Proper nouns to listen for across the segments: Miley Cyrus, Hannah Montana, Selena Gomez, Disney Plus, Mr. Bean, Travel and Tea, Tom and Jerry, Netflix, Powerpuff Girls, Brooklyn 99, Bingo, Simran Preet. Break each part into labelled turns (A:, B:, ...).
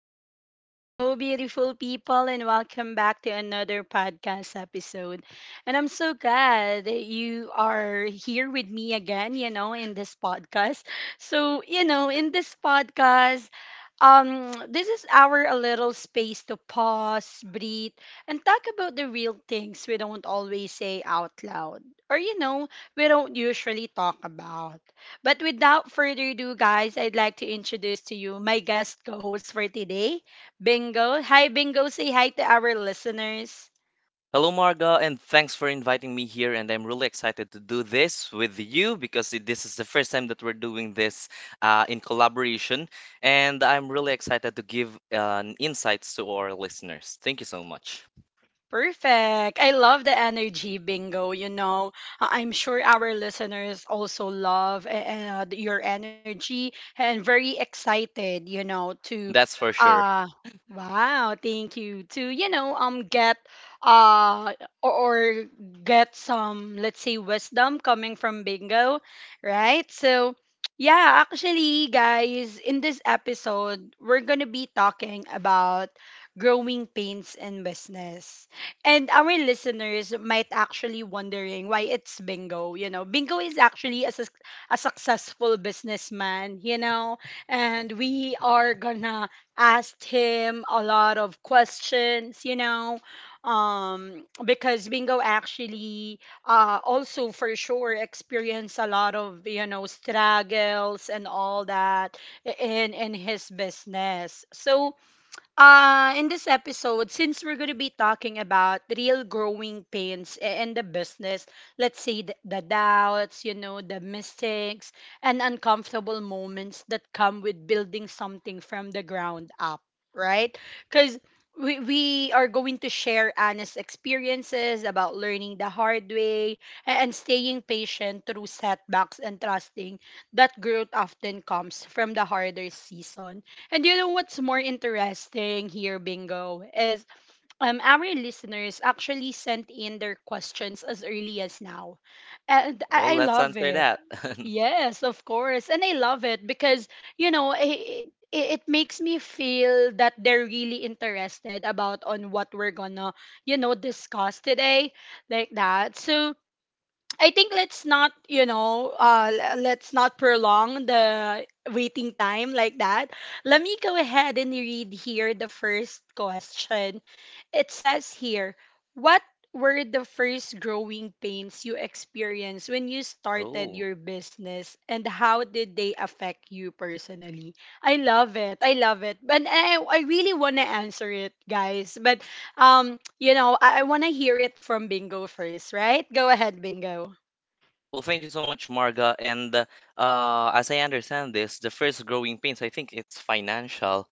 A: right. Hello, beautiful people, and welcome back to another podcast episode. And I'm so glad that you are here with me again, you know, in this podcast. So, you know, in this podcast, this is our a little space to pause, breathe, and talk about the real things we don't always say out loud, or we don't usually talk about. But without further ado, guys, I'd like to introduce to you my guest co host for today, Bingo. Hi, Bingo. Say hi to our listeners.
B: Hello, Marga, and thanks for inviting me here. And I'm really excited to do this with you because this is the first time that we're doing this in collaboration. And I'm really excited to give insights to our listeners. Thank you so much.
A: Perfect. I love the energy bingo, you know. I'm sure our listeners also love your energy and very excited, you know, to
B: That's for sure.
A: uh wow, thank you to, get uh or get some let's say wisdom coming from bingo, right? So yeah, actually guys, in this episode, we're going to be talking about growing pains in business, and our listeners might actually wondering why it's Bingo. You know, Bingo is actually a, a successful businessman, you know, and we are gonna ask him a lot of questions, you know, because Bingo actually also for sure experienced a lot of, you know, struggles and all that in his business. So, in this episode, since we're going to be talking about real growing pains in the business, let's say the doubts, you know, the mistakes, and uncomfortable moments that come with building something from the ground up, right? Because we are going to share honest experiences about learning the hard way and staying patient through setbacks and trusting that growth often comes from the harder season. And you know what's more interesting here, Bingo, is our listeners actually sent in their questions as early as now. And
B: Well,
A: I
B: let's
A: love
B: answer
A: it.
B: that.
A: Yes, of course. And I love it because, you know, it makes me feel that they're really interested about on what we're gonna, you know, discuss today like that. So I think let's not, let's not prolong the waiting time like that. Let me go ahead and read here the first question. It says here, what were the first growing pains you experienced when you started
B: Oh,
A: your business and how did they affect you personally? I love it. I love it. But I really want to answer it, guys. But you know, I want to hear it from Bingo first, right? Go ahead, Bingo.
B: well, thank you so much, Marga. And as I understand this, the first growing pains, I think it's financial.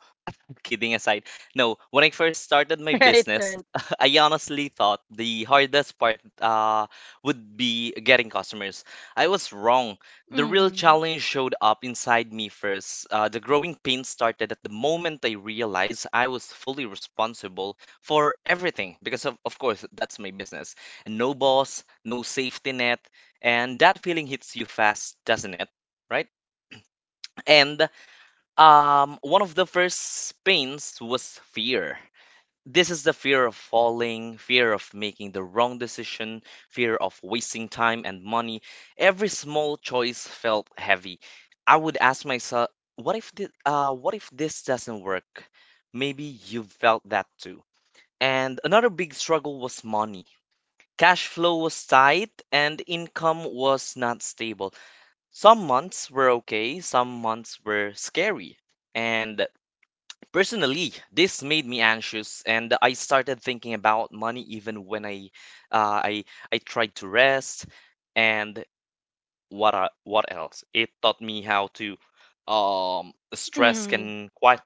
B: Kidding aside, no, when I first started my
A: Right,
B: business,
A: right.
B: I honestly thought the hardest part would be getting customers. I was wrong. The real
A: Mhm.
B: challenge showed up inside me first. The growing pain started at the moment I realized I was fully responsible for everything because, of course, that's my business. And no boss, no safety net, and that feeling hits you fast, doesn't it? Right? And one of the first pains was fear. This is the fear of falling, fear of making the wrong decision, fear of wasting time and money. Every small choice felt heavy. I would ask myself, what if this doesn't work? Maybe you felt that too. And another big struggle was money. Cash flow was tight and income was not stable. Some months were okay, some months were scary. And personally, this made me anxious, and I started thinking about money even when uh, I, I tried to rest. And what else? It taught me how stress
A: Mhm.
B: can quite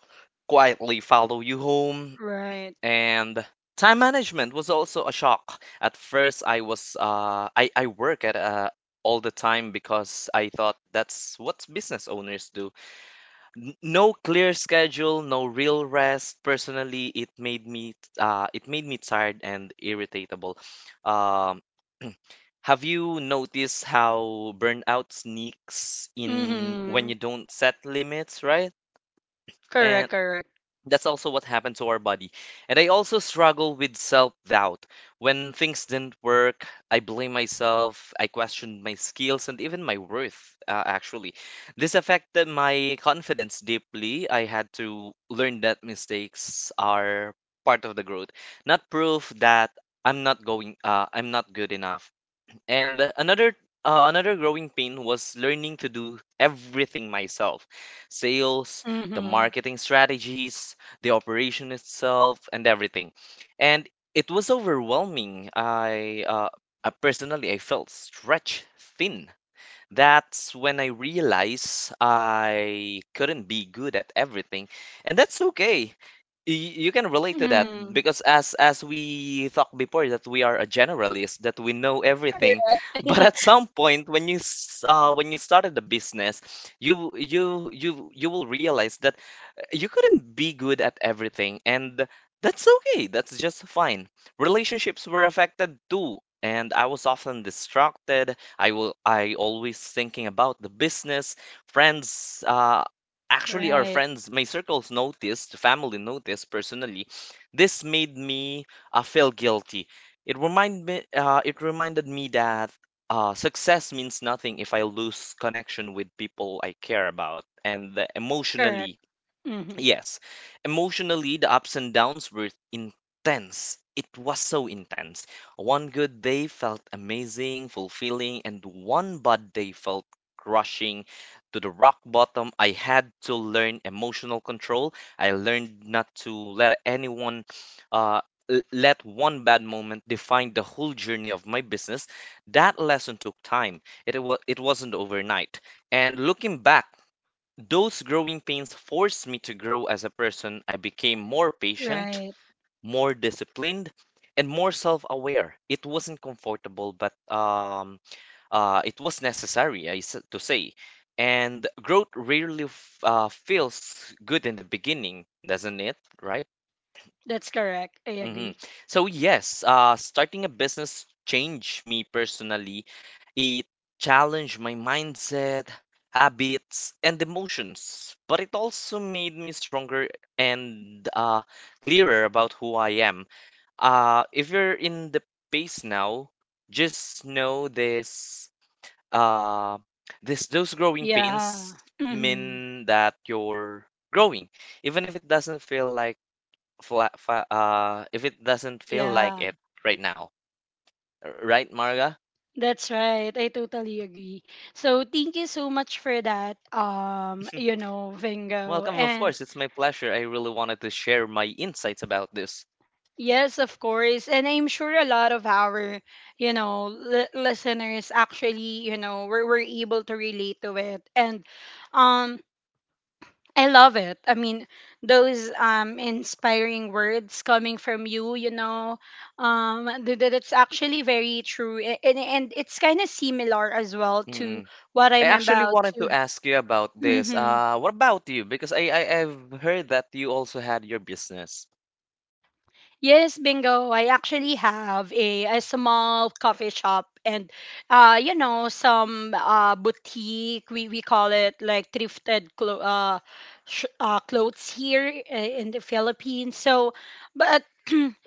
B: quietly follow you home.
A: Right.
B: And time management was also a shock. At first, I work at all the time because I thought that's what business owners do. No clear schedule, no real rest. Personally, it made me tired and irritable. Um, have you noticed how burnout sneaks in when you
A: Mhm.
B: don't set limits, right? And
A: Correct, correct.
B: that's also what happened to our body. And I also struggle with self doubt. When things didn't work, I blame myself, I questioned my skills, and even my worth, actually. This affected my confidence deeply. I had to learn that mistakes are part of the growth, not proof that I'm not good enough. And another growing pain was learning to do everything myself. Sales, the
A: Mhm.
B: marketing strategies, the operation itself, and everything. And it was overwhelming. I Personally, I felt stretched thin. That's when I realize I couldn't be good at everything, and that's okay. You can relate to that
A: Mhm.
B: because as we talked before that we are a generalist, that we know everything, but at some point when when you started the business, you will realize that you couldn't be good at everything, and that's okay. That's just fine. Relationships were affected too, and I was often distracted. I always thinking about the business, friends, uh actually our
A: Right.
B: friends, my circles noticed, family noticed personally. This made me feel guilty. It reminded me that success means nothing if I lose connection with people I care about. And
A: Correct.
B: emotionally,
A: Mhm.
B: yes, emotionally, the ups and downs were intense. It was so intense. One good day felt amazing, fulfilling, and one bad day felt crushing to the rock bottom. I had to learn emotional control. I learned not to let uh, let one bad moment define the whole journey of my business. That lesson took time. It wasn't overnight. And looking back, those growing pains forced me to grow as a person. I became more patient,
A: Right.
B: more disciplined, and more self-aware. It wasn't comfortable, but it was necessary, to say. And growth rarely feels good in the beginning, doesn't it? Right?
A: That's correct. I
B: hmm
A: agree.
B: So yes, starting a business changed me personally. It challenged my mindset, habits, and emotions, but it also made me stronger and clearer about who I am. If you're in the pace now, just know this. Uh, those growing
A: Yeah.
B: pains
A: Mhm.
B: mean that you're growing, even if it doesn't feel like if it doesn't feel like
A: Yeah,
B: it right now. Right, Marga?
A: that's right. I totally agree. So thank you so much for that, you know, Vingo.
B: Welcome, of
A: And
B: course. It's my pleasure. I really wanted to share my insights about this.
A: yes, of course. And I'm sure a lot of our, listeners actually, you know, were able to relate to it. And um I love it. I mean, those inspiring words coming from you, you know, that it's actually very true. And it's kind of similar as well to
B: Mm-mm.
A: what
B: I
A: I'm
B: actually
A: about
B: wanted to
A: to.
B: ask you about this.
A: Mhm.
B: What about you? Because I've heard that you also had your business.
A: Yes, bingo. I actually have a small coffee shop and you know some boutique we call it like thrifted clothes here in the Philippines. So but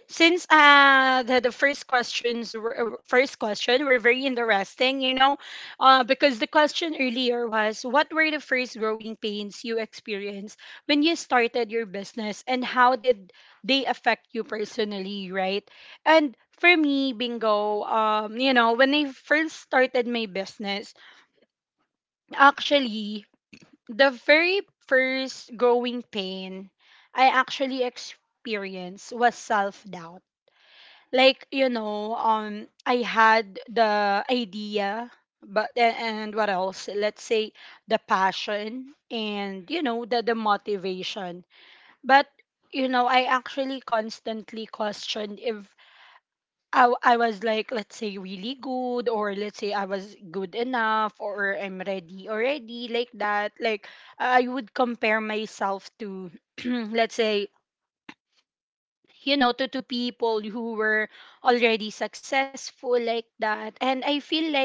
A: since the first questions were first question were very interesting you know because the question earlier was what were the first growing pains you experienced when you started your business and how did they affect you personally, right? And for me, bingo, you know, when I first started my business, actually the very first growing pain I actually experienced was self doubt. Like, you know, I had the idea but and what else, let's say the passion and you know the motivation. But you know, I actually constantly questioned if I was, like, let's say really good or let's say I was good enough or I'm ready already, like that. Like I would compare myself to let's say, you know, to people who were already successful like that, and I feel like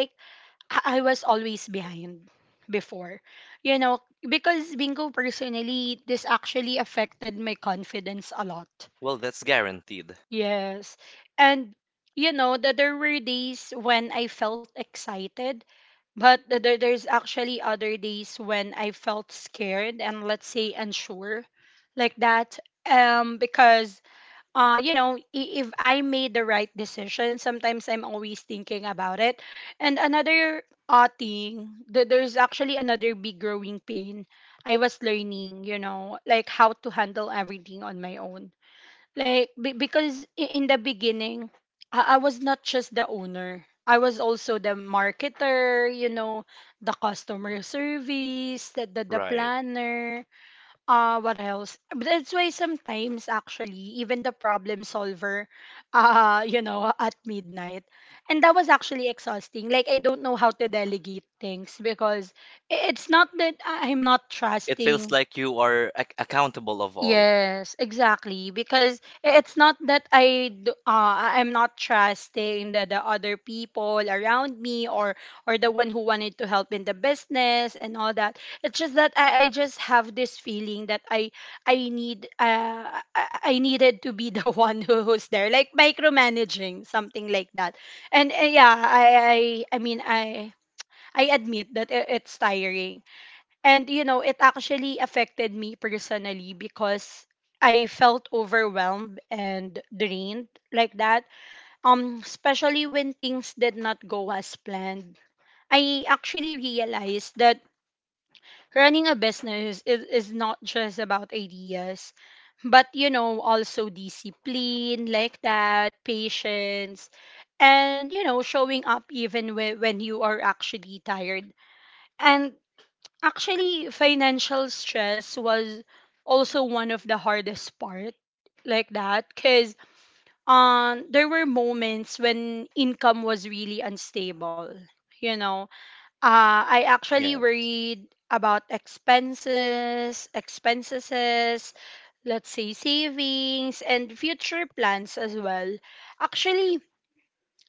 A: I was always behind before. You know, because bingo, personally, this actually affected my confidence a lot.
B: Well, that's guaranteed.
A: Yes. And you know that there were days when I felt excited, but there's actually other days when I felt scared and let's say unsure like that. Because you know, if I made the right decision, sometimes I'm always thinking about it. And another thing, there's actually another big growing pain. I was learning, you know, like how to handle everything on my own. Like, because in the beginning, I was not just the owner. I was also the marketer, you know, the customer service, the
B: Right.
A: planner, what else? But that's why sometimes actually even the problem solver, you know, at midnight, and that was actually exhausting. Like I don't know how to delegate things because it's not that I'm not
B: It feels
A: trusting.
B: like you are accountable of all.
A: Yes, exactly. Because it's not that I do, I'm not trusting the other people around me or the one who wanted to help in the business and all that. It's just that I just have this feeling that I needed to be the one who, who's there, like micromanaging something like that. And yeah, I mean I admit that it's tiring, and you know, it actually affected me personally because I felt overwhelmed and drained like that. Especially when things did not go as planned. I actually realized that running a business is not just about ideas, but you know, also discipline like that, patience, and you know, showing up even when you are actually tired. And actually, financial stress was also one of the hardest part like that because there were moments when income was really unstable, you know. I actually
B: Yeah.
A: worried about expenses expenses, let's say savings and future plans as well. Actually,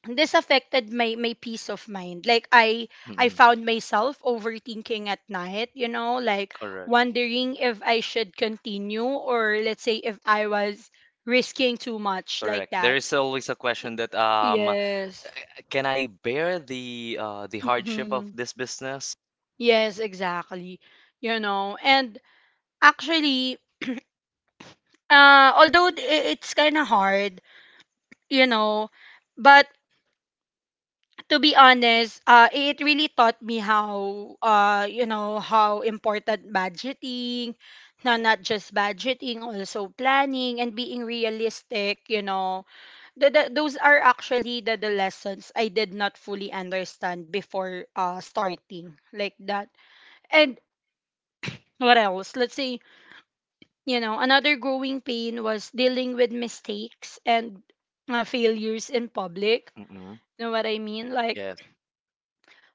A: this affected my my peace of mind. Like I
B: Mm-mm.
A: found myself overthinking at night, you know, like
B: Correct.
A: wondering if I should continue or let's say if I was risking too much like
B: Correct. There
A: that.
B: is always a question that
A: Yes.
B: can I bear the hardship of
A: Mm-hmm.
B: this business?
A: Yes, exactly. You know, and actually, although it's kind of hard, you know, but to be honest, it really taught me how, you know, how important budgeting, no, not just budgeting, also planning and being realistic, you know. Those are actually the lessons I did not fully understand before starting like that. And what else? Let's say, you know, another growing pain was dealing with mistakes and failures in public.
B: Mm-mm.
A: Know what I mean? Like,
B: Yes,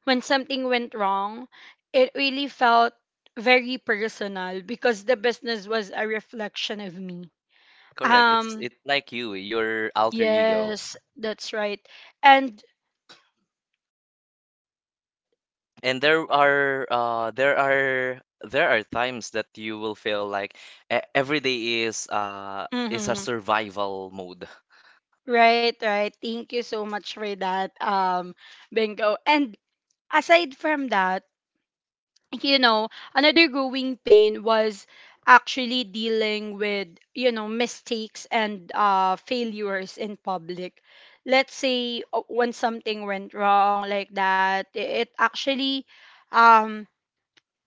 A: when something went wrong, it really felt very personal because the business was a reflection of me.
B: correct.
A: Um,
B: It's like you, your alter ego.
A: yes, that's right. And
B: And there are there are times that you will feel like every day is a
A: hmm
B: survival mode.
A: right, right. Thank you so much for that, Bingo. And aside from that, you know, another growing pain was actually dealing with, you know, mistakes and failures in public. Let's say when something went wrong like that, it actually, um,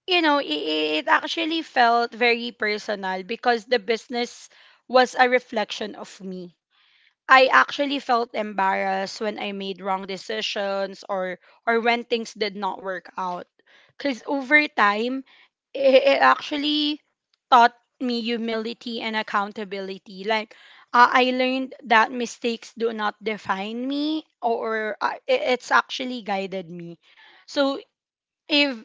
A: you know, it actually felt very personal because the business was a reflection of me. I actually felt embarrassed when I made wrong decisions or when things did not work out. Cause over time, it actually taught me humility and accountability. Like I learned that mistakes do not define me, or it, it's actually guided me. So if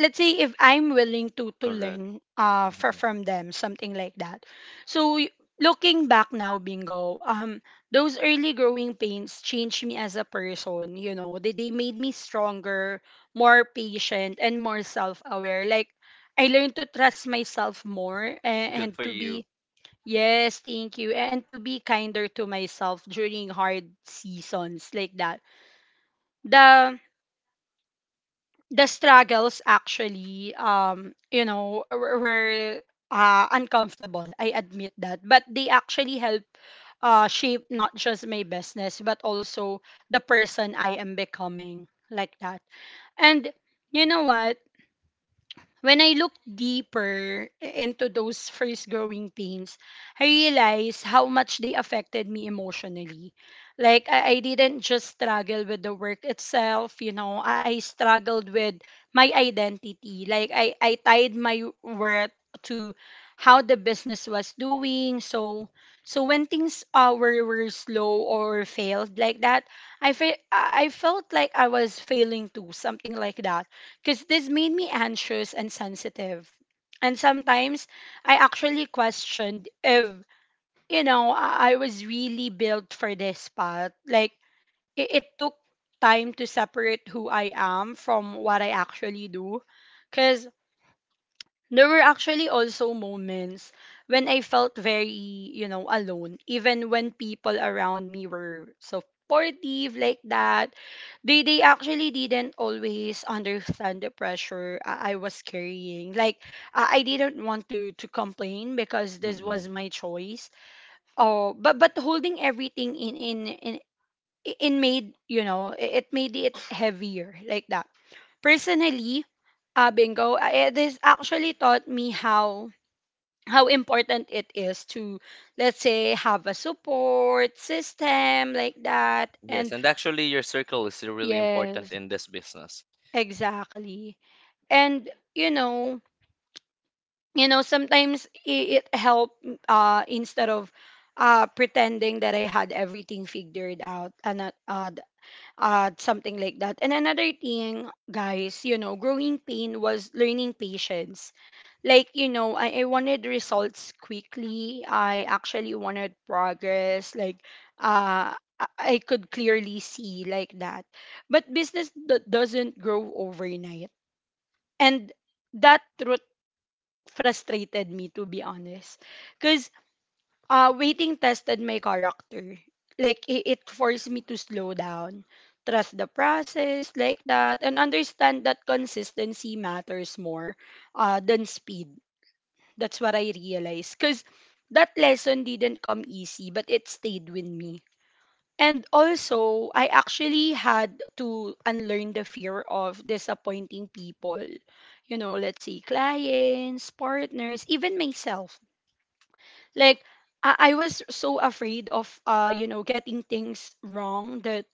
A: let's say if I'm willing to
B: Correct.
A: learn for,
B: Mm-mm.
A: from them something like that. So looking back now, bingo, those early growing pains changed me as a person, you know. They made me stronger, more patient and more self-aware. Like I learned to trust myself more
B: Good
A: and
B: for
A: to
B: you.
A: be yes, thank you, and to be kinder to myself during hard seasons like that. The the struggles actually you know were uncomfortable, I admit that, but they actually help shape not just my business but also the person I am becoming like that. And you know what, when I look deeper into those first growing pains, I realized how much they affected me emotionally. Like, I didn't just struggle with the work itself, you know, I struggled with my identity. Like, I tied my worth to how the business was doing. So, so when things were slow or failed like that, I felt like I was failing too, something like that, because this made me anxious and sensitive. And sometimes I actually questioned if, you know, I was really built for this path. Like, it took time to separate who I am from what I actually do. Because there were actually also moments when I felt very, alone, even when people around me were supportive like that. They actually didn't always understand the pressure I was carrying. Like I didn't want to complain because this
B: Mm-mm.
A: was my choice. Oh, but holding everything in, it made it made it heavier like that personally, bingo, it is actually taught me how important it is to, let's say, have a support system like that.
B: Yes,
A: And
B: and actually your circle is really important
A: yes,
B: in this business.
A: exactly. And you know, sometimes it helped, instead of pretending that I had everything figured out. And something like that. And another thing, guys, you know, growing pain was learning patience. Like, you know, I wanted results quickly. I actually wanted progress. Like, uh i I could clearly see like that, but business doesn't grow overnight. And that truth frustrated me, to be honest. Cause. Waiting tested my character. Like, it forced me to slow down, trust the process, like that, and understand that consistency matters more than speed. That's what I realized. Because that lesson didn't come easy, but it stayed with me. And also, I actually had to unlearn the fear of disappointing people. You know, let's say clients, partners, even myself. Like, I was so afraid of, you know, getting things wrong that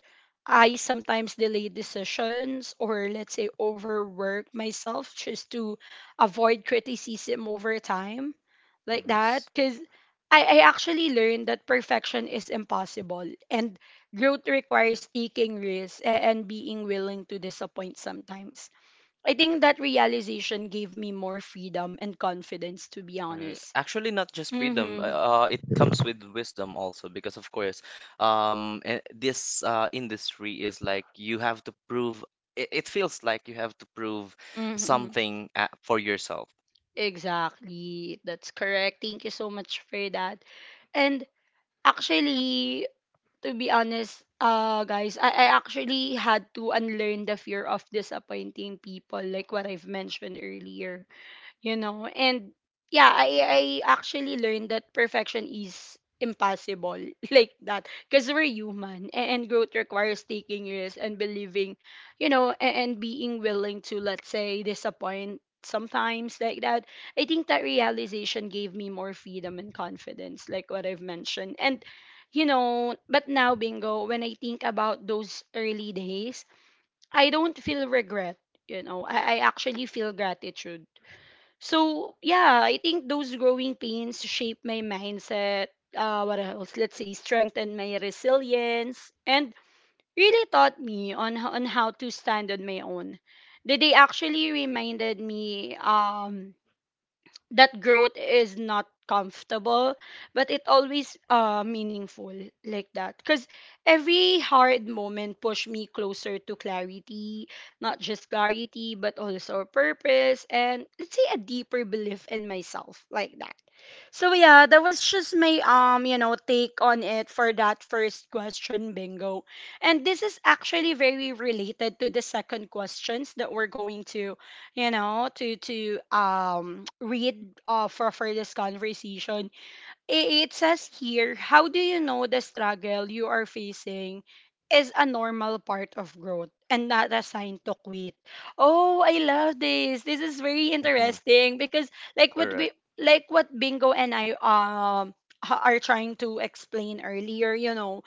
A: I sometimes delay decisions, or let's say overwork myself just to avoid criticism over time, like that.
B: Yes.
A: Because I actually learned that perfection is impossible and growth requires taking risks and being willing to disappoint sometimes. I think that realization gave me more freedom and confidence, to be
B: Right.
A: honest.
B: Actually, not just freedom.
A: Mm-hmm.
B: It comes with wisdom also, because of course, this industry is like you have to prove. It feels like you have to prove
A: Mm-hmm.
B: something for yourself.
A: Exactly. That's correct. Thank you so much for that. And actually, to be honest, guys, I actually had to unlearn the fear of disappointing people, like what I've mentioned earlier. You know, and yeah, I actually learned that perfection is impossible like that, because we're human and growth requires taking risks and believing, you know, and being willing to, let's say, disappoint sometimes, like that. I think that realization gave me more freedom and confidence, like what I've mentioned. And you know, but now, bingo, when I think about those early days, I don't feel regret. You know, I actually feel gratitude. So yeah, I think those growing pains shape my mindset. What else? Let's say strengthen my resilience and really taught me on on how to stand on my own. They actually reminded me that growth is not comfortable but it always meaningful, like that. Because every hard moment pushed me closer to clarity, not just clarity but also purpose, and let's say a deeper belief in myself, like that. So yeah, that was just my you know, take on it for that first question, bingo. And this is actually very related to the second questions that we're going to, you know, to read, for this conversation. It says here, how do you know the struggle you are facing is a normal part of growth and not a sign to quit? Oh, I love this. This is very
B: Mhm.
A: interesting because like what we,
B: Correct.
A: like what Bingo and I are trying to explain earlier, you know,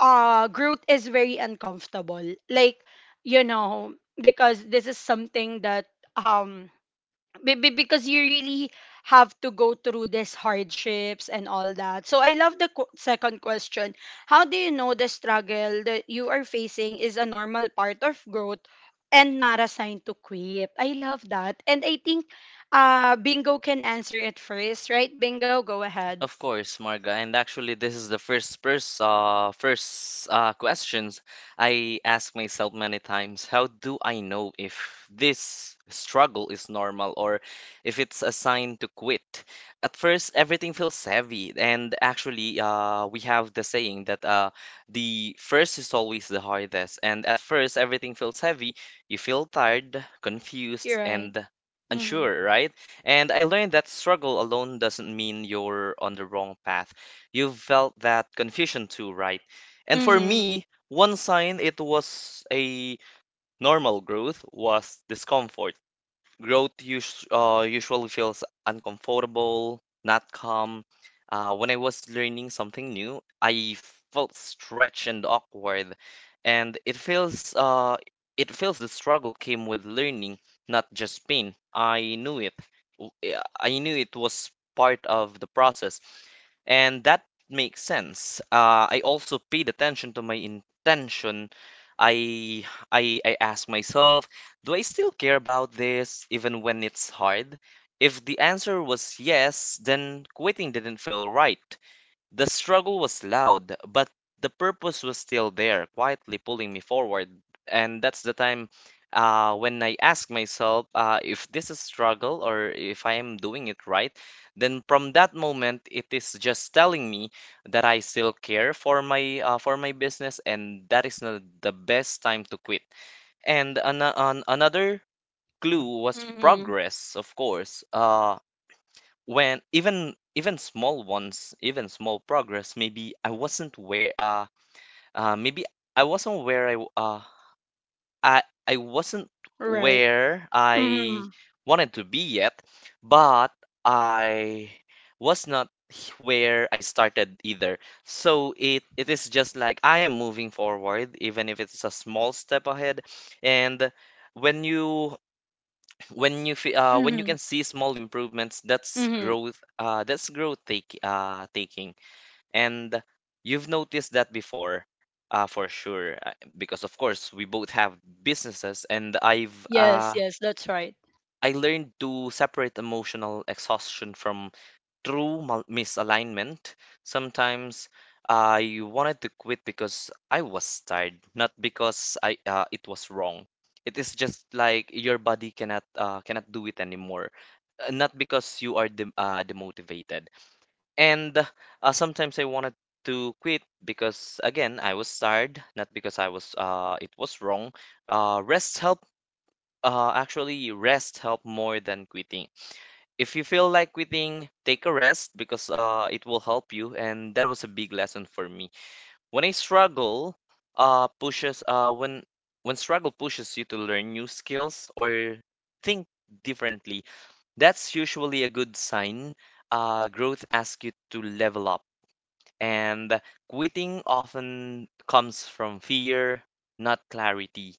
A: Groot is very uncomfortable. Like, you know, because this is something that um because you really have to go through these hardships and all that. So I love the second question. How do you know the struggle that you are facing is a normal part of growth and not a sign to quit? I love that. And I think Bingo can answer it first, right? Bingo, go ahead.
B: Of course, Marga. And actually, this is the first questions I ask myself many times. How do I know if this struggle is normal or if it's a sign to quit? At first, everything feels heavy, and actually, we have the saying that the first is always the hardest. And at first, everything feels heavy. You feel tired,
A: You're
B: confused,
A: right.
B: and unsure, right? And I learned that struggle alone doesn't mean you're on the wrong path. You've felt that confusion too, right? And for
A: Mhm.
B: me, one sign it was a normal growth was discomfort. Growth us usually feels uncomfortable, not calm. When I was learning something new, I felt stretched and awkward, and it feels the struggle came with learning, not just pain. I knew it. Yeah, I knew it was part of the process, and that makes sense. I also paid attention to my intention. I I asked myself, do I still care about this even when it's hard? If the answer was yes, then quitting didn't feel right. The struggle was loud, but the purpose was still there, quietly pulling me forward. And that's the time when I ask myself if this is struggle or if I am doing it right, then from that moment, it is just telling me that I still care for my business, and that is not the best time to quit. And another clue was
A: Mm-hmm.
B: progress, of course. When even small ones, even small progress, maybe uh maybe I wasn't where I w- I wasn't
A: Right.
B: where I
A: Mm-hmm.
B: wanted to be yet, but I was not where I started either. So it is just like I am moving forward, even if it's a small step ahead, and when you when you when you
A: Mm-hmm.
B: can see small improvements,
A: Mm-hmm.
B: that's growth take taking, and you've noticed that before for sure because of course we both have businesses, and
A: Yes, yes, that's right.
B: I learned to separate emotional exhaustion from true misalignment. Sometimes I wanted to quit because I was tired, not because I it was wrong. It is just like your body cannot cannot do it anymore, not because you are demotivated. And sometimes I wanted to quit because again I was tired, not because I was it was wrong. Rest help Actually, rest help more than quitting. If you feel like quitting, take a rest because it will help you. And that was a big lesson for me. When I struggle, uh, pushes uh, when when struggle pushes you to learn new skills or think differently, that's usually a good sign. Growth asks you to level up, and quitting often comes from fear, not clarity.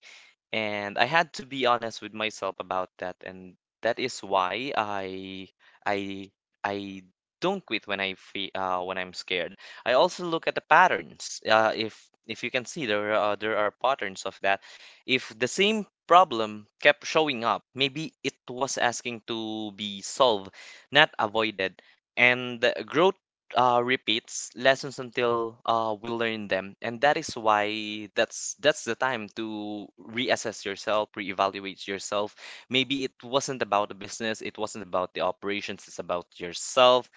B: And I had to be honest with myself about that, and that is why I I don't quit when I feel when I'm scared. I also look at the patterns. If you can see there are patterns of that. If the same problem kept showing up, maybe it was asking to be solved, not avoided. And growth repeats lessons until we learn them, and that is why that's the time to reassess yourself, reevaluate yourself. Maybe it wasn't about the business, it wasn't about the operations, it's about yourself.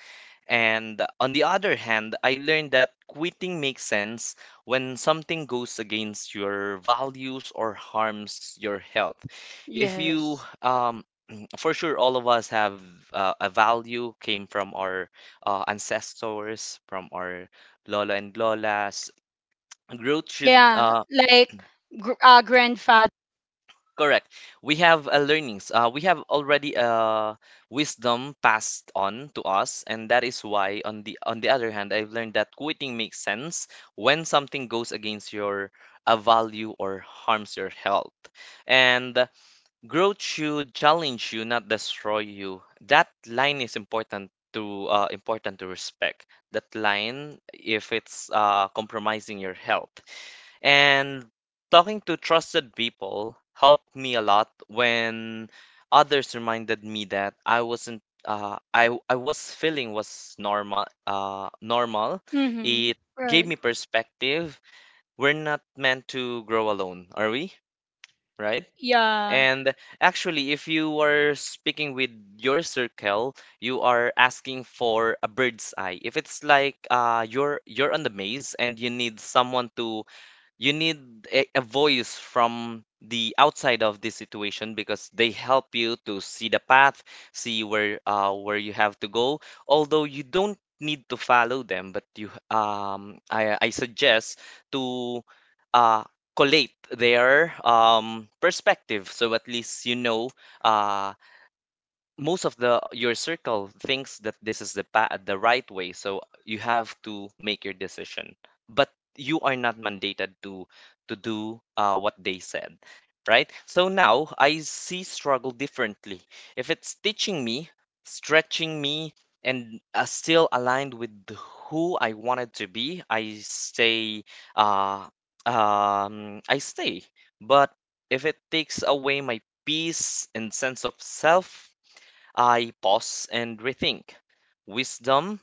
B: And on the other hand, I learned that quitting makes sense when something goes against your values or harms your health. If you
A: Yes.
B: for sure all of us have a value came from our ancestors from our lola and lolas growth should
A: Yeah, like grandfather.
B: correct we have a learnings we have already a wisdom passed on to us, and that is why on the other hand I've learned that quitting makes sense when something goes against your a value or harms your health. And growth should challenge you, not destroy you. That line is important to important to respect. That line, if it's compromising your health, and talking to trusted people helped me a lot when others reminded me that I wasn't. I was feeling was normal. Normal.
A: Mm-hmm.
B: It gave
A: Right.
B: me perspective. We're not meant to grow alone, are we? Right?
A: Yeah.
B: And actually, if you are speaking with your circle, you are asking for a bird's eye. If it's like uh, you're on the maze and you need someone to you need a voice from the outside of this situation, because they help you to see the path, see where you have to go, although you don't need to follow them. But you I suggest to uh collate their perspective, so at least you know uh most of the your circle thinks that this is the right way, so you have to make your decision. But you are not mandated to do what they said. Right, so now I see struggle differently. If it's teaching me, stretching me, and still aligned with who I wanted to be, I stay. Uh, um, i stay. But if it takes away my peace and sense of self, I pause and rethink. Wisdom,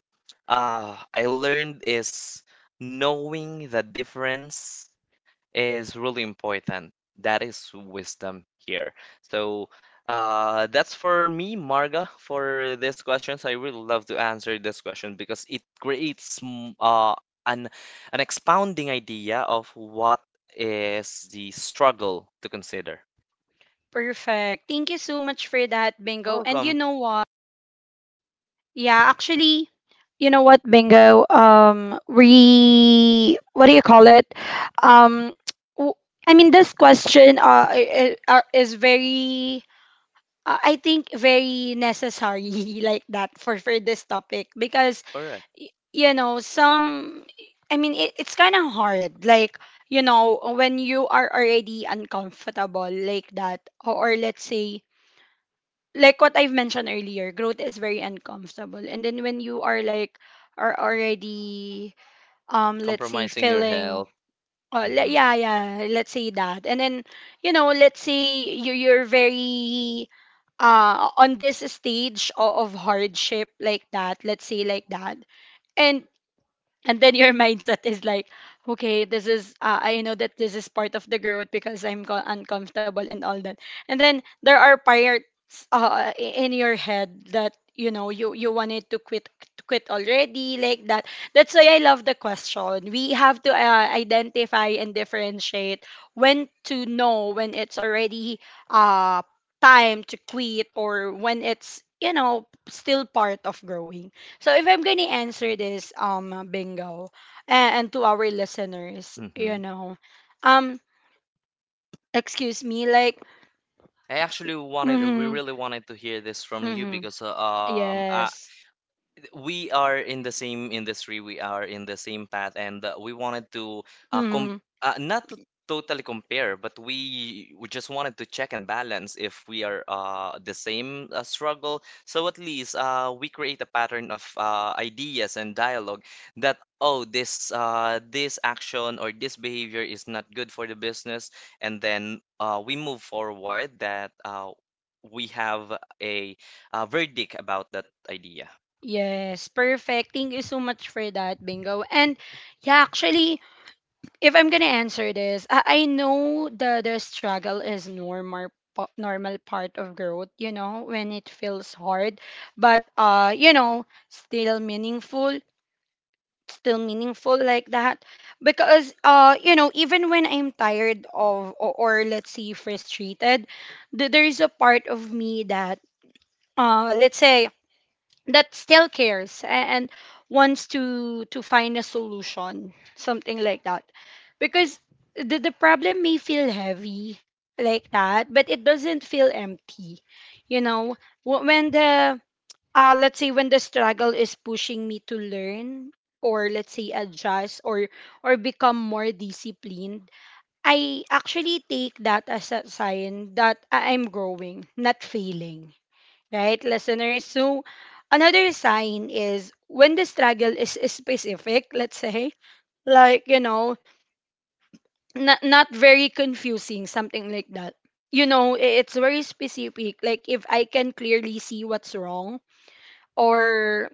B: I learned, is knowing the difference is really important. That is wisdom here. So that's for me, Marga, for this questions. I really love to answer this question because it creates an an expounding idea of what is the struggle to consider.
A: Perfect. Thank you so much for that, Bingo. And you
B: Welcome.
A: know what? Yeah, actually, you know what, Bingo? We, what do you call it? Um, w- I mean, this question is very, I think, very necessary like that for this topic because
B: Correct.
A: you know some. I mean, it's kind of hard. Like, you know, when you are already uncomfortable like that, or let's say like what I've mentioned earlier, growth is very uncomfortable. And then when you are like are already let's say
B: Compromising your
A: feeling
B: health. hmm
A: yeah, yeah, let's say that. And then, you know, let's say you, you're very on this stage of hardship like that, let's say like that. and and then your mindset is like, okay, this is, I know that this is part of the growth because I'm uncomfortable and all that. And then there are parts, in your head that, you know, you wanted to quit, already, like that. That's why I love the question. We have to, identify and differentiate when to know when it's already uh time to quit, or when it's, you know, still part of growing. So if I'm gonna answer this, bingo, and to our listeners, you
B: hmm.
A: know, um, excuse me, like,
B: I actually wanted, we
A: mm-hmm,
B: really wanted to hear this from you
A: mm-hmm,
B: because I,
A: yes,
B: we are in the same industry, we are in the same path, and we wanted to com
A: mm-hmm,
B: not to totally compare, but we just wanted to check and balance if we are the same struggle. So at least we create a pattern of ideas and dialogue that, oh, this this action or this behavior is not good for the business, and then we move forward that we have a, verdict about that idea.
A: yes, perfect. Thank you so much for that, bingo. And yeah, actually, if I'm gonna answer this, I know the struggle is normal normal part of growth, you know, when it feels hard but you know still meaningful, like that. Because you know, even when I'm tired of, or let's say frustrated, there is a part of me that let's say that still cares and wants to find a solution, something like that. Because the problem may feel heavy like that but it doesn't feel empty, you know. When the, let's say when the struggle is pushing me to learn, or let's say adjust, or become more disciplined, I actually take that as a sign that I'm growing, not failing, right, listeners? So another sign is when the struggle is specific, let's say, like, you know, not very confusing, something like that. You know, it's very specific. Like, if I can clearly see what's wrong, or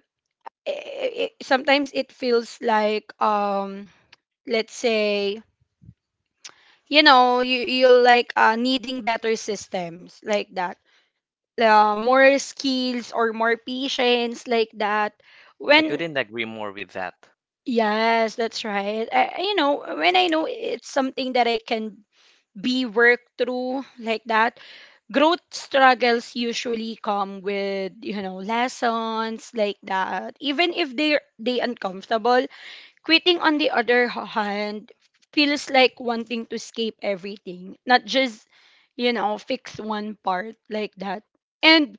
A: sometimes it feels like let's say, you know, you like, needing better systems like that, more skills or more patience like that.
B: I
A: When
B: couldn't agree more with that.
A: yes, that's right. You know, when I know it's something that I can be worked through, like that. Growth struggles usually come with, you know, lessons like that, even if they are they uncomfortable. Quitting, on the other hand, feels like wanting to escape everything, not just, you know, fix one part, like that. And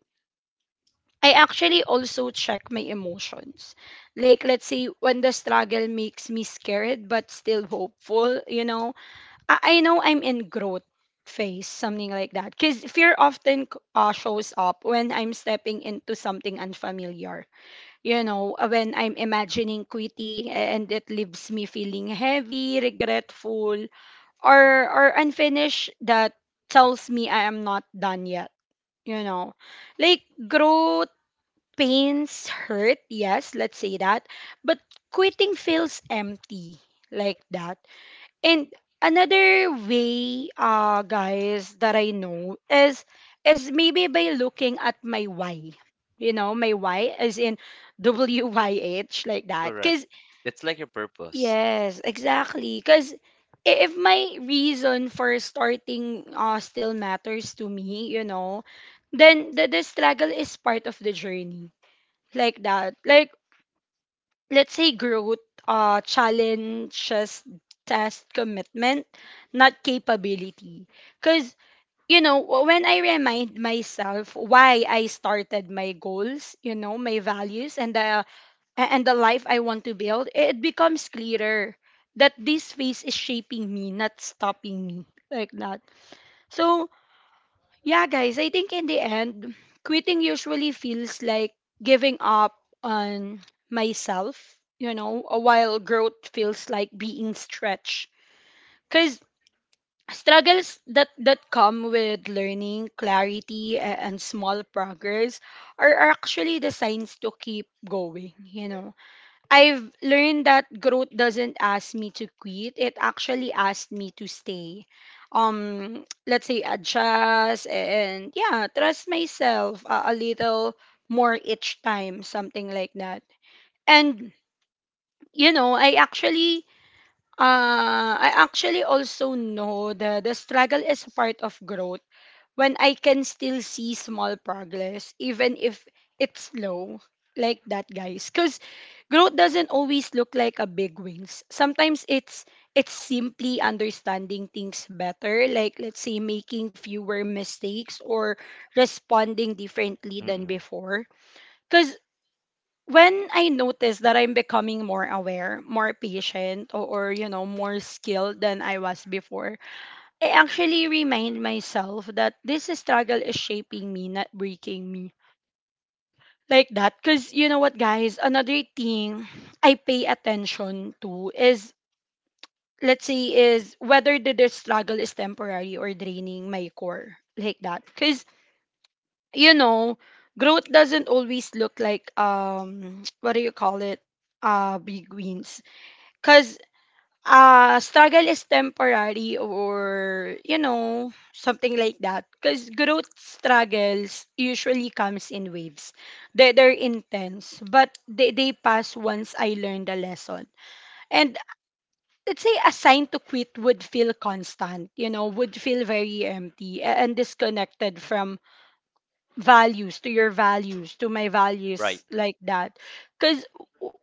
A: I actually also check my emotions. Like, let's say when the struggle makes me scared but still hopeful, you know, I know I'm in growth phase, something like that. Because fear often shows up when I'm stepping into something unfamiliar. You know, when I'm imagining quitting and it leaves me feeling heavy, regretful, or or unfinished, that tells me I am not done yet. You know, like growth pains hurt. Yes, let's say that, but quitting feels empty, like that. And another way, guys, that I know is maybe by looking at my why. You know, my why is in WYH, like that.
B: Correct.
A: Cause
B: It's like your purpose.
A: yes, exactly. Cause if my reason for starting still matters to me, you know, then the struggle is part of the journey. Like that. Like, let's say growth, challenges test commitment, not capability. Because, you know, when I remind myself why I started, my goals, you know, my values, and the life I want to build, it becomes clearer that this phase is shaping me, not stopping me, like that. So yeah, guys, I think in the end, quitting usually feels like giving up on myself, you know, a while growth feels like being stretched. Because struggles that, come with learning, clarity, and small progress are actually the signs to keep going, you know. I've learned that growth doesn't ask me to quit. It actually asked me to stay. Let's say adjust, and yeah, trust myself a little more each time, something like that. And you know, I actually, I actually also know that the struggle is a part of growth when I can still see small progress, even if it's slow, like that, guys. Because growth doesn't always look like a big wins. Sometimes it's simply understanding things better, like, let's say, making fewer mistakes, or responding differently than
B: Mm-mm.
A: before. Because when I notice that I'm becoming more aware, more patient, or more skilled than I was before, I actually remind myself that this struggle is shaping me, not breaking me. Like that. Because you know what, guys? Another thing I pay attention to is, let's say, is whether the struggle is temporary or draining my core. Like that. Because, you know, growth doesn't always look like, what do you call it? Big wins. Because struggle is temporary or you know something like that, because growth struggles usually comes in waves. They're intense, but they pass once I learned a lesson. And let's say a sign to quit would feel constant, you know, would feel very empty and disconnected from values, to your values, to my
B: Right.
A: values, like that. Because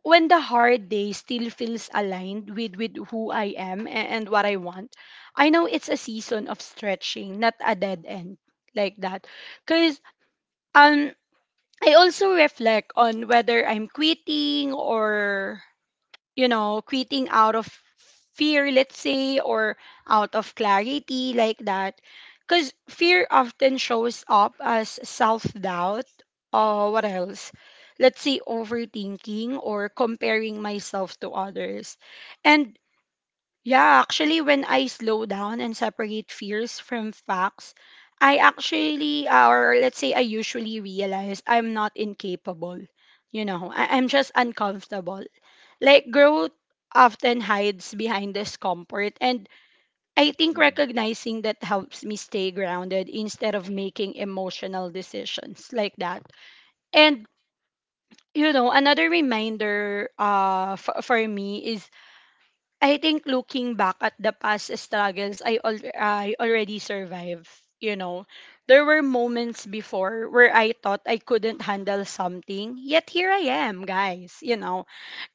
A: when the hard day still feels aligned with who I am and what I want, I know it's a season of stretching, not a dead end. Like that. Because um I also reflect on whether I'm quitting or, you know, quitting out of fear, let's say, or out of clarity, like that. Because fear often shows up as self doubt. What else? Let's say overthinking or comparing myself to others. And yeah, actually, when I slow down and separate fears from facts, I actually, or let's say, I usually realize I'm not incapable. You know, I'm just uncomfortable. Like, growth often hides behind discomfort. And I think recognizing that helps me stay grounded instead of making emotional decisions, like that. And, you know, another reminder for me is I think looking back at the past struggles I, I already survived, you know, there were moments before where I thought I couldn't handle something, yet here I am, guys, you know.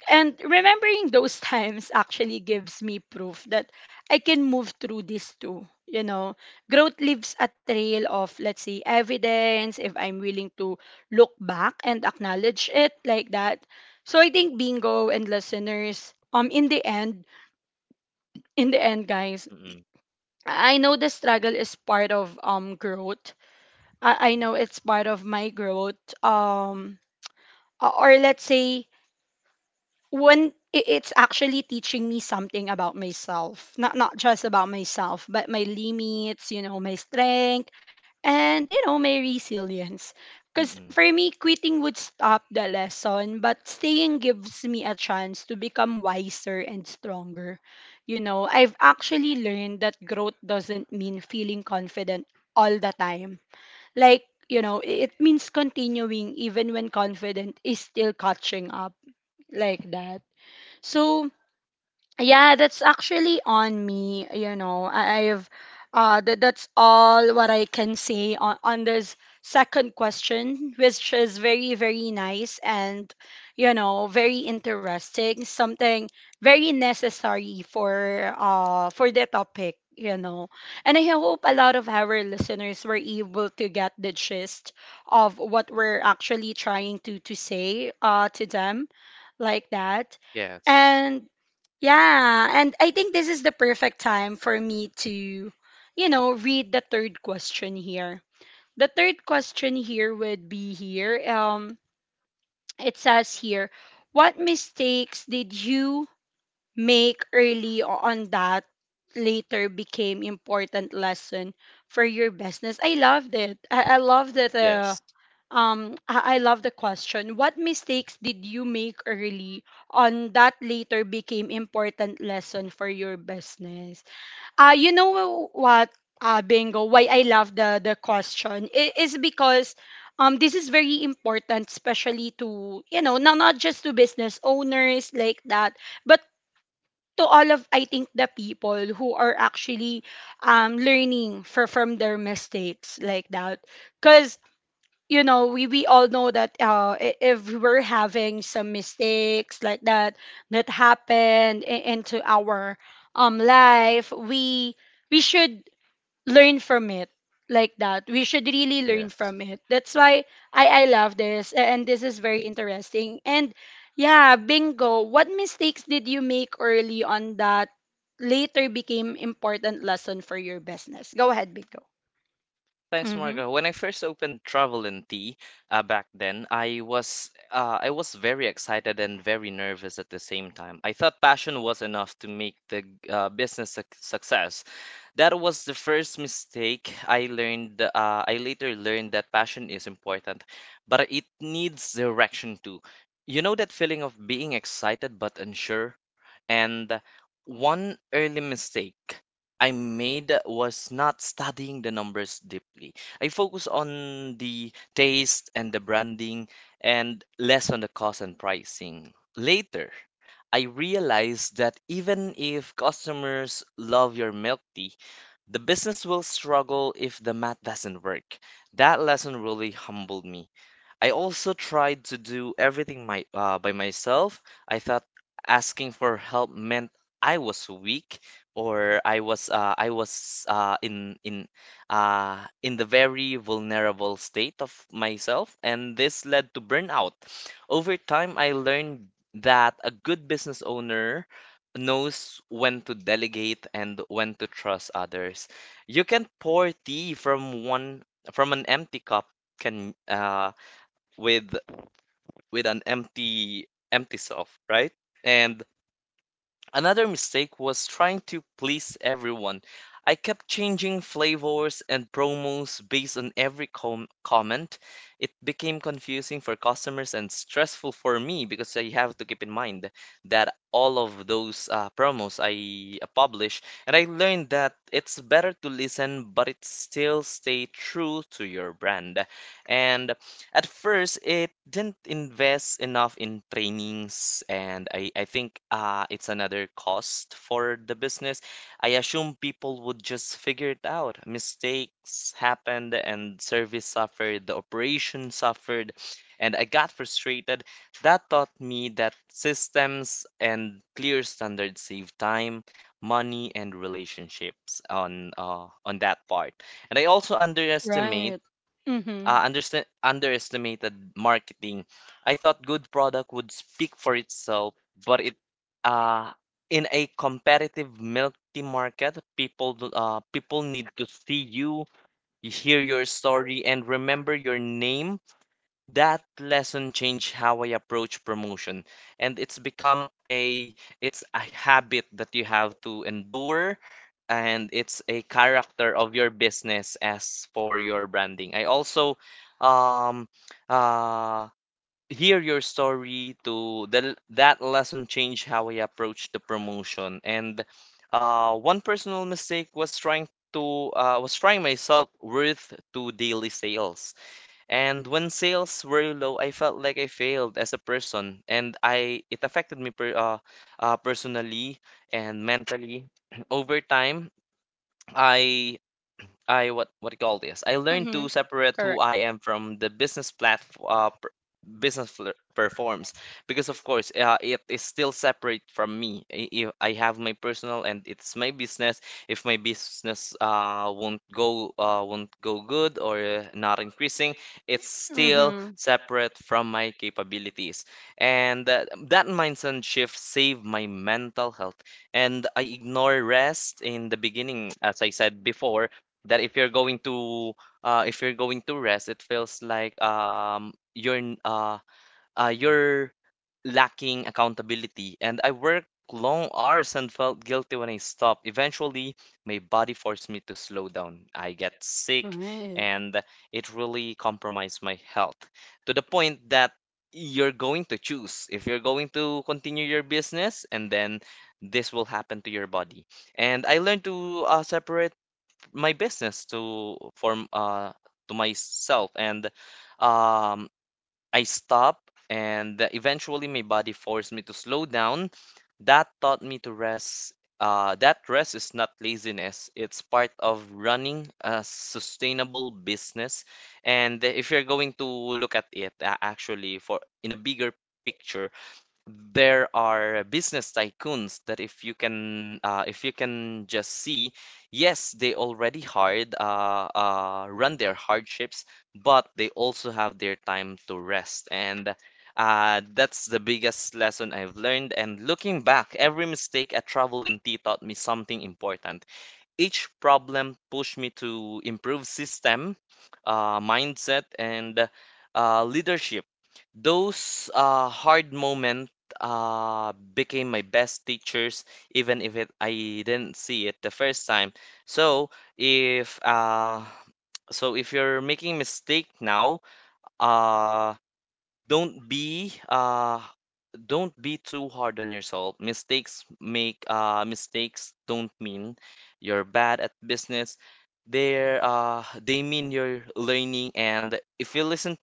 A: And remembering those times actually gives me proof that I can move through this too, you know. Growth leaves a trail of, let's say, evidence if I'm willing to look back and acknowledge it, like that. So I think Bingo and listeners, in the end, guys,
B: Mm-mm.
A: I know the struggle is part of growth. I know it's part of my growth. Or let's say when it's actually teaching me something about myself, not just about myself, but my limits, you know, my strengths, and you know, my resilience. Because
B: Mm-mm.
A: for me quitting would stop the lesson, but staying gives me a chance to become wiser and stronger. You know, I've actually learned that growth doesn't mean feeling confident all the time. Like, you know, it means continuing even when confident is still catching up, like that. So yeah, that's actually on me. You know, I, I've that that's all what I can say on, this second question, which is very, very nice, and, you know, very interesting, something very necessary for the topic, you know. And I hope a lot of our listeners were able to get the gist of what we're actually trying to say to them, like that.
B: Yes.
A: And yeah, and I think this is the perfect time for me to, you know, read the third question here. The third question here would be here. It says here, what mistakes did you make early on that later became important lesson for your business? I loved it. I love that.
B: Yes.
A: I love the question. What mistakes did you make early on that later became important lesson for your business? You know what, Bingo, why I love the question is because, this is very important, especially to, you know, not just to business owners, like that, but to all of, I think, the people who are actually, learning for, from their mistakes, like that. Because, you know, we all know that if we're having some mistakes like that, that happened into our life, we should learn from it, like that. We should really learn
B: Yes.
A: from it. That's why I love this, and this is very interesting. And yeah, Bingo, what mistakes did you make early on that later became important lesson for your business? Go ahead, Bingo.
B: Thanks,
A: Mm-hmm.
B: Margo. When I first opened Travel and Tea, back then, I was very excited and very nervous at the same time. I thought passion was enough to make the business suc success. That was the first mistake I learned. I later learned that passion is important, but it needs direction too. You know that feeling of being excited but unsure? And one early mistake I made was not studying the numbers deeply. I focused on the taste and the branding and less on the cost and pricing. Later, I realized that even if customers love your milk tea, the business will struggle if the math doesn't work. That lesson really humbled me. I also tried to do everything my by myself. I thought asking for help meant I was weak, or I was in the very vulnerable state of myself, and this led to burnout. Over time, I learned that a good business owner knows when to delegate and when to trust others. You can pour tea from one from an empty cup can with with an empty self, right? And another mistake was trying to please everyone. I kept changing flavors and promos based on every comment. It became confusing for customers and stressful for me, because I have to keep in mind that all of those promos I publish, and I learned that it's better to listen, but it still stay true to your brand. And at first, it didn't invest enough in trainings, and I think it's another cost for the business. I assume people would just figure it out. Mistakes happened, and service suffered, the operation suffered, and I got frustrated. That taught me that systems and clear standards save time, money, and relationships on that part. And I also
A: Right. Mm-hmm.
B: underestimated marketing. I thought good product would speak for itself, but it uh, in a competitive multi market, people need to see you, you hear your story, and remember your name. That lesson changed how I approach promotion, and it's become a it's a habit that you have to endure, and it's a character of your business as for your branding. I also um uh hear your story to the that lesson changed how I approach the promotion. And one personal mistake was trying to was trying myself worth to daily sales, and when sales were low, I felt like I failed as a person, and I it affected me personally and mentally. Over time, I I what do you call this? I learned
A: Mm-hmm.
B: to separate who
A: Correct.
B: I am from the business platform, business performs, because of course it is still separate from me. I- If I have my personal and it's my business, if my business won't go good or not increasing, it's still
A: Mm-hmm.
B: separate from my capabilities. And that, that mindset shift saved my mental health. And I ignore rest in the beginning, as I said before, that if you're going to if you're going to rest it feels like you're lacking accountability, and I worked long hours and felt guilty when I stopped. Eventually, my body forced me to slow down. I get sick,
A: Right.
B: and it really compromised my health to the point that you're going to choose if you're going to continue your business, and then this will happen to your body. And I learned to separate my business to form to myself, and um I stopped, and eventually my body forced me to slow down. That taught me to rest. That rest is not laziness. It's part of running a sustainable business. And if you're going to look at it, actually, for in a bigger picture, there are business tycoons that if you can just see, yes, they already hard run their hardships, but they also have their time to rest. And that's the biggest lesson I've learned, and looking back, every mistake at Travel and taught me something important. Each problem pushed me to improve system, mindset, and leadership. Those hard moment became my best teachers, even if it, I didn't see it the first time. So if uh, if you're making mistake now, uh, don't be uh, don't be too hard on yourself. Mistakes don't mean you're bad at business. They mean you're learning, and if you listen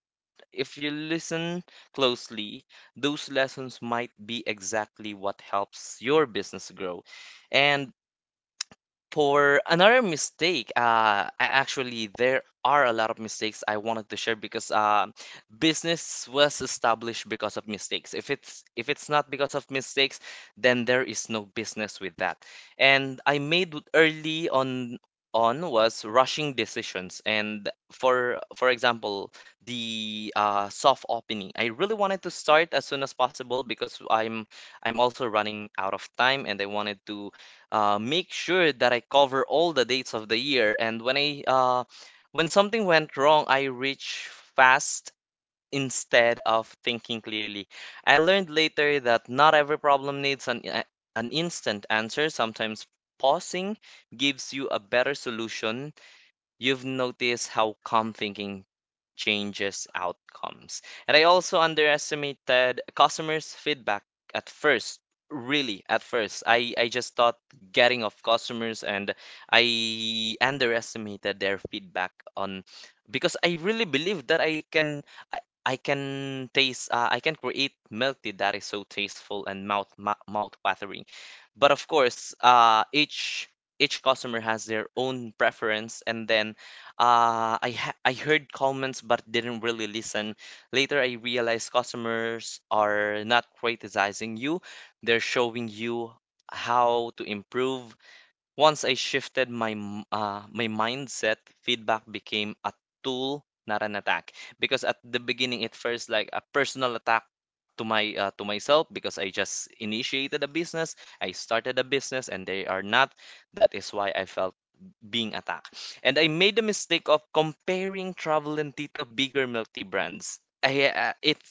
B: if you listen closely, those lessons might be exactly what helps your business grow. And for another mistake, I actually there are a lot of mistakes I wanted to share, because business was established because of mistakes. If it's not because of mistakes, then there is no business with that. And I made early on was rushing decisions. And for example, the soft opening, I really wanted to start as soon as possible because I'm also running out of time, and I wanted to make sure that I cover all the dates of the year. And when I when something went wrong, I reach fast instead of thinking clearly. I learned later that not every problem needs an instant answer. Sometimes pausing gives you a better solution. You've noticed how calm thinking changes outcomes. And I also underestimated customers' feedback at first. Really, at first, I just thought getting of customers, and I underestimated their feedback on because I really believe that I, I can taste I can create milk tea that is so tasteful and mouth watering. But of course, each customer has their own preference, and then I heard comments but didn't really listen. Later, I realized customers are not criticizing you; they're showing you how to improve. Once I shifted my mindset, feedback became a tool, not an attack. Because at the beginning, it first like a personal attack to my to myself because I just initiated a business, I started a business, and they are not. That is why I felt being attacked. And I made the mistake of comparing Travel and Tito bigger milk tea brands. It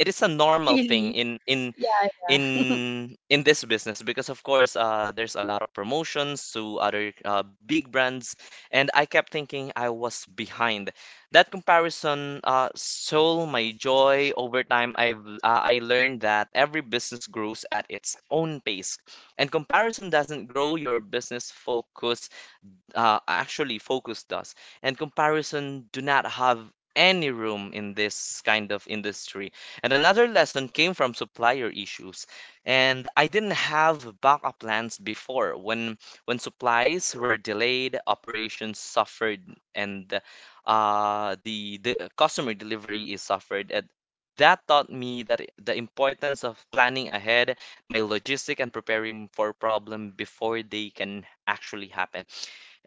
B: it is a normal thing
A: Really?
B: in in
A: Yeah, yeah.
B: in in this business because of course there's a lot of promotions to other big brands, and I kept thinking I was behind. That comparison stole my joy over time. I learned that every business grows at its own pace, and comparison doesn't grow your business. Focus, actually focus does, and comparison do not have any room in this kind of industry. And another lesson came from supplier issues, and I didn't have backup plans before. When supplies were delayed, operations suffered, and the customer delivery is suffered. And that taught me that the importance of planning ahead my logistic and preparing for problem before they can actually happen.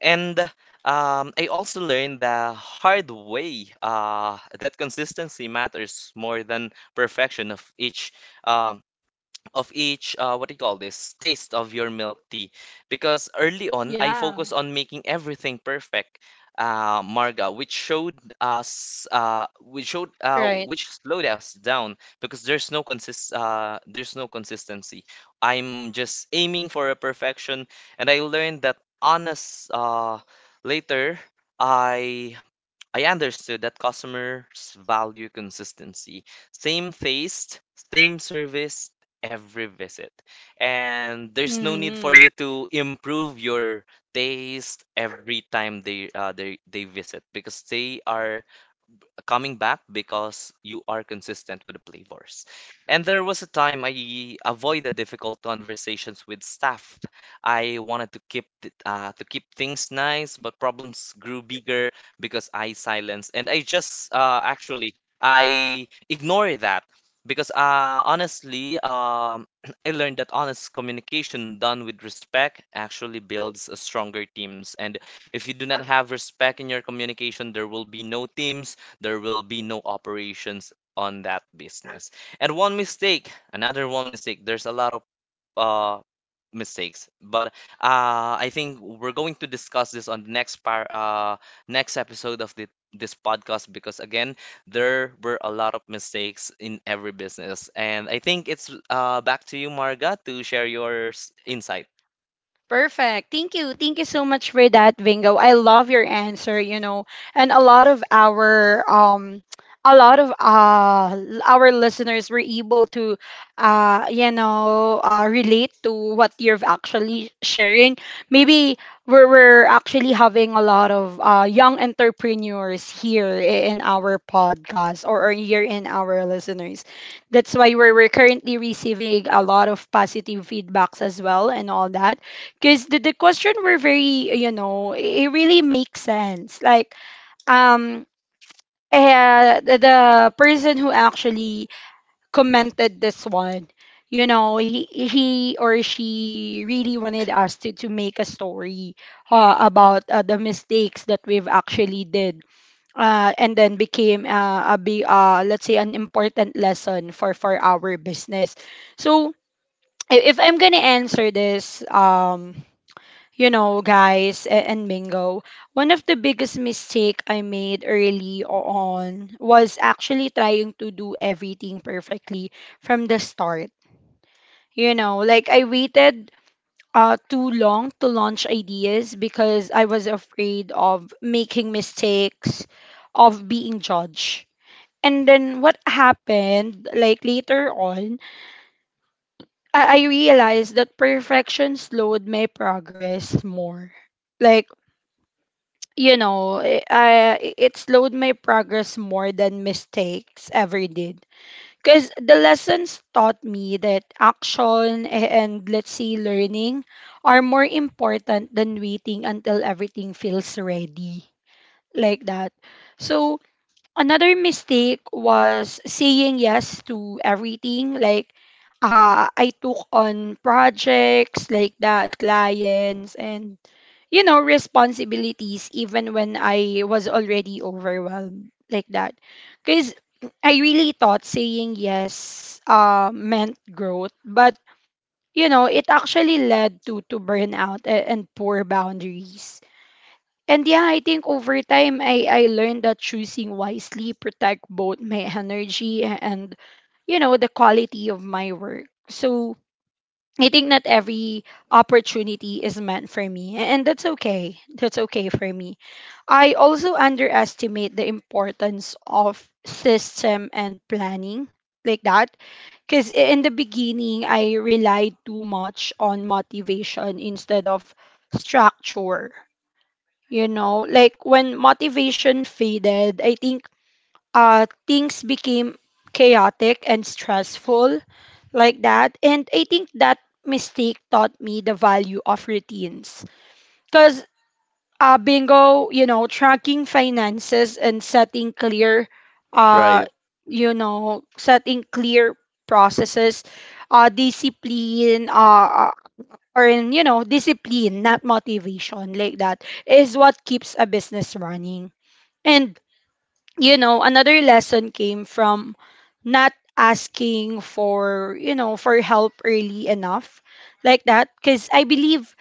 B: And I also learned the hard way that consistency matters more than perfection um, of each what do you call this, taste of your milk tea. Because early on I
A: Yeah.
B: focus on making everything perfect, Marga, which showed us which showed
A: Right.
B: which slowed us down, because there's no consist there's no consistency. I'm just aiming for a perfection. And I learned that honest, later, i I understood that customers value consistency. Same taste, same service every visit. And there's no need for
A: Mm-hmm.
B: you to improve your taste every time they they visit, because they are coming back because you are consistent with the flavors. And there was a time I avoided difficult conversations with staff. I wanted to to keep things nice, but problems grew bigger because I silenced and I just actually I ignore that. Because honestly, I learned that honest communication done with respect actually builds a stronger teams. And if you do not have respect in your communication, there will be no teams, there will be no operations on that business. And one mistake, another one mistake. There's a lot of uh, mistakes, but I think we're going to discuss this on the next episode of the this podcast. Because again, there were a lot of mistakes in every business, and I think it's, uh, back to you, Marga, to share your insight.
A: Perfect. Thank you. Thank you so much for that, Bingo. I love your answer, you know. And a lot of our a lot of our listeners were able to you know, relate to what you're actually sharing. Maybe we're actually having a lot of young entrepreneurs here in our podcast, or here in our listeners. That's why we're currently receiving a lot of positive feedbacks as well and all that, because the question were very, you know, it really makes sense. Like, um, the person who actually commented this one, you know, he or she really wanted us to, make a story about the mistakes that we've actually did, and then became a big, let's say, an important lesson for, our business. So, if I'm going to answer this, you know, guys, and Mingo, one of the biggest mistake I made early on was actually trying to do everything perfectly from the start. You know, like I waited too long to launch ideas because I was afraid of making mistakes, of being judged. And then what happened, like later on, I realized that perfection slowed my progress more. Like, you know, it slowed my progress more than mistakes ever did. Because the lessons taught me that action and, let's say, learning are more important than waiting until everything feels ready, like that. So, another mistake was saying yes to everything. Like, I took on projects like that, clients, and, you know, responsibilities even when I was already overwhelmed, like that. Because I really thought saying yes meant growth, but, you know, it actually led to, burnout and poor boundaries. And yeah, I think over time, I learned that choosing wisely protect both my energy and, you know, the quality of my work. So I think not every opportunity is meant for me, and that's okay. That's okay for me. I also underestimate the importance of system and planning, like that, because in the beginning I relied too much on motivation instead of structure. You know, like when motivation faded, I think things became chaotic and stressful, like that. And I think that mistake taught me the value of routines. Because, Bingo, you know, tracking finances and setting clear, uh,
B: Right.
A: setting clear processes, discipline, or in, you know, discipline, not motivation, like that, is what keeps a business running. And, you know, another lesson came from not asking for, you know, for help early enough, like that. Because I believe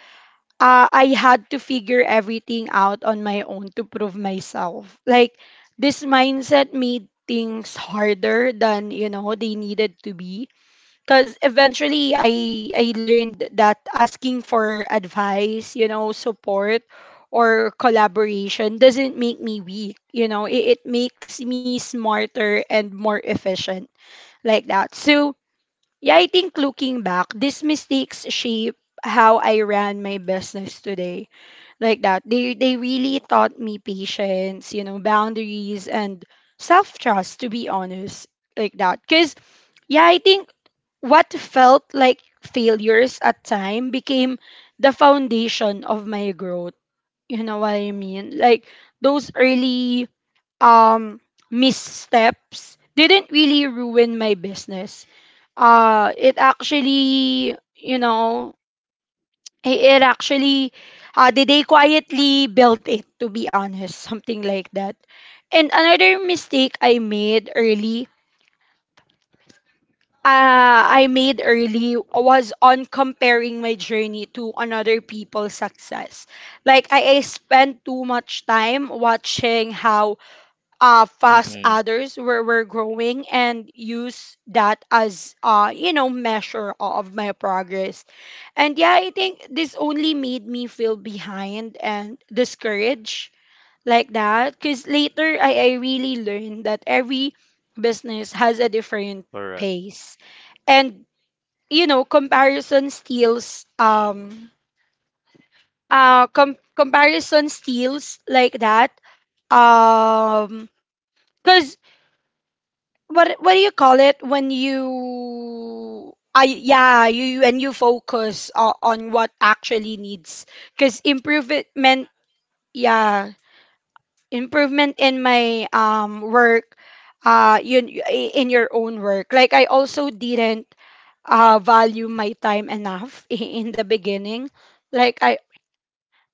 A: I had to figure everything out on my own to prove myself. Like, this mindset made things harder than, you know, they needed to be, because eventually I learned that asking for advice, you know, support or collaboration doesn't make me weak, you know, it makes me smarter and more efficient, like that. So yeah, I think looking back, these mistakes shape how I ran my business today. Like that. They really taught me patience, you know, boundaries and self trust, to be honest. Like that. Cause yeah, I think what felt like failures at time became the foundation of my growth. You know what I mean? Like those early um missteps didn't really ruin my business. Uh, it actually, you know, it actually, did, they quietly built it, to be honest, something like that. And another mistake I made early uh, was on comparing my journey to another people's success. Like I spent too much time watching how fast
B: Mm-hmm.
A: others were growing and use that as, you know, measure of my progress. And yeah, I think this only made me feel behind and discouraged, like that. Because later I really learned that every business has a different
B: Correct.
A: pace. And comparison steals comparison steals like that. um because what do you call it when you I yeah and you focus on what actually needs because improvement, yeah, improvement in my work, uh you, in your own work. Like I also didn't value my time enough in the beginning. like I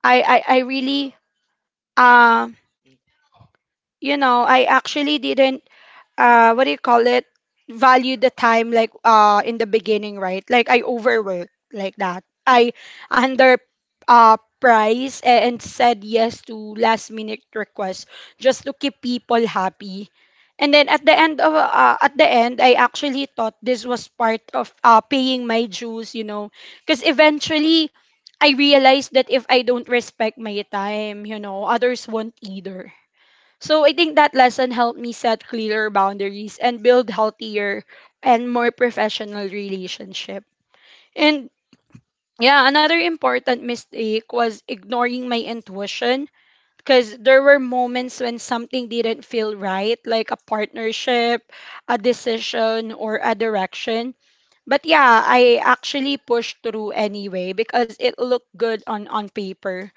A: I I, I really um I actually didn't what do you call it value the time, like in the beginning, right? Like I overwork like that. I under price and said yes to last minute requests, just to keep people happy. And then at the end I actually thought this was part of paying my dues, because eventually I realized that if I don't respect my time, others won't either. So I think that lesson helped me set clearer boundaries and build healthier and more professional relationship. And yeah, another important mistake was ignoring my intuition, because there were moments when something didn't feel right, like a partnership, a decision, or a direction. But yeah, I actually pushed through anyway because it looked good on paper.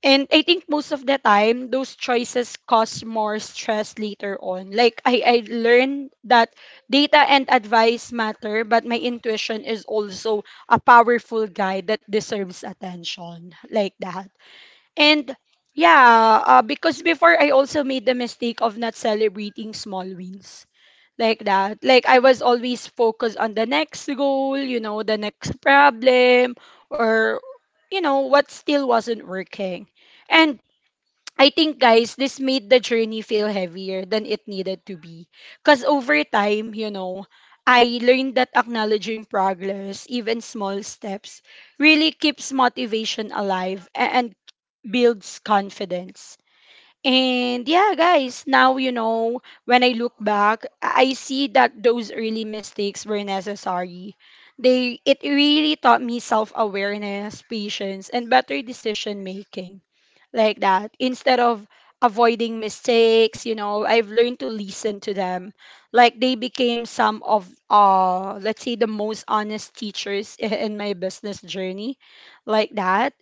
A: And I think most of the time, those choices cause more stress later on. Like, I learned that data and advice matter, but my intuition is also a powerful guide that deserves attention, like that. And yeah, because before I also made the mistake of not celebrating small wins, like that. Like, I was always focused on the next goal, you know, the next problem, or, what still wasn't working. And I think, guys, this made the journey feel heavier than it needed to be. Because over time, I learned that acknowledging progress, even small steps, really keeps motivation alive and builds confidence. And yeah, guys, now, when I look back, I see that those early mistakes were necessary. It really taught me self awareness, patience, and better decision making, like that. Instead of avoiding mistakes, I've learned to listen to them, like they became some of let's say the most honest teachers in my business journey, like that.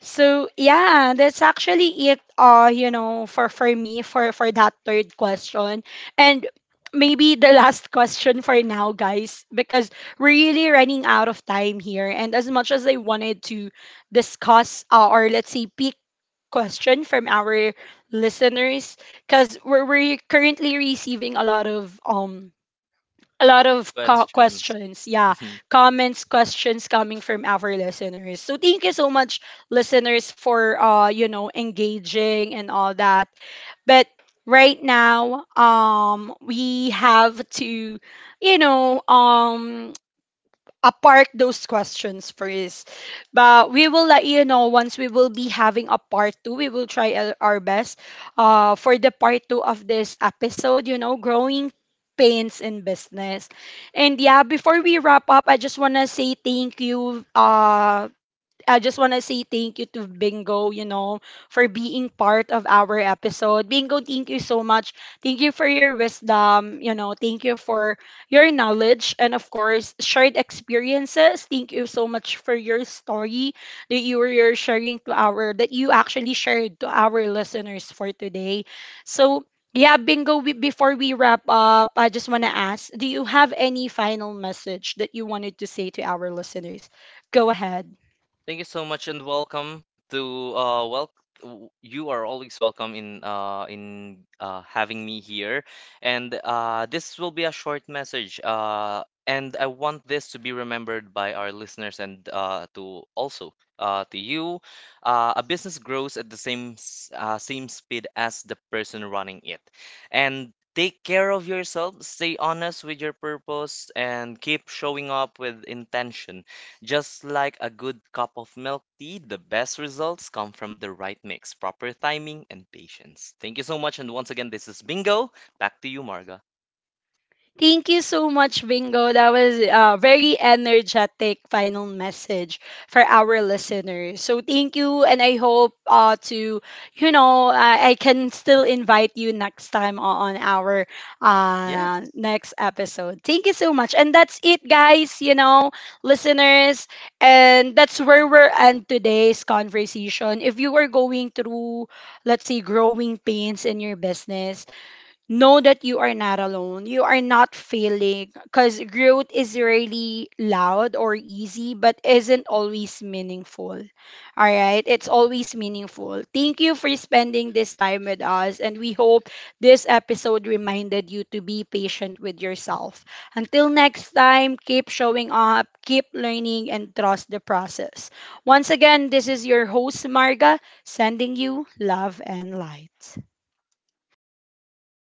A: So yeah, that's actually it, for me for that third question. And maybe the last question for now, guys, because we're really running out of time here, and as much as I wanted to discuss, or let's say pick question from our listeners, because we're currently receiving a lot of
B: Questions.
A: questions, yeah, comments, questions coming from our listeners. So thank you so much, listeners, for engaging and all that. But right now, we have to, you know um apart those questions first. But we will let you know once we will be having a part two. We will try our best, for the part two of this episode, you know, growing pains in business. And yeah, before we wrap up, I just want to say thank you I just want to say thank you to Bingo, you know, for being part of our episode. Bingo, thank you so much. Thank you for your wisdom, you know, thank you for your knowledge and of course, shared experiences. Thank you so much for your story that you actually shared to our listeners for today. So, yeah, Bingo, we, before we wrap up, I just want to ask, do you have any final message that you wanted to say to our listeners? Go ahead.
B: Thank you so much, and welcome to, uh, well, you are always welcome in uh having me here. And uh, this will be a short message, uh, and I want this to be remembered by our listeners and uh, to also uh, to you. Uh, a business grows at the same speed as the person running it. And take care of yourself, stay honest with your purpose, and keep showing up with intention. Just like a good cup of milk tea, the best results come from the right mix, proper timing, and patience. Thank you so much. And once again, this is Bingo. Back to you, Marga.
A: Thank you so much, Bingo. That was a very energetic final message for our listeners. So thank you, and I hope you know, I can still invite you next time on our
B: Yes.
A: next episode. Thank you so much. And that's it, guys, you know, listeners. And that's where we're end today's conversation. If you are going through, let's say, growing pains in your business, know that you are not alone. You are not failing because growth is really loud or easy, but isn't always meaningful. All right, it's always meaningful. Thank you for spending this time with us, and we hope this episode reminded you to be patient with yourself. Until next time, keep showing up, keep learning, and trust the process. Once again, this is your host, Marga, sending you love and light.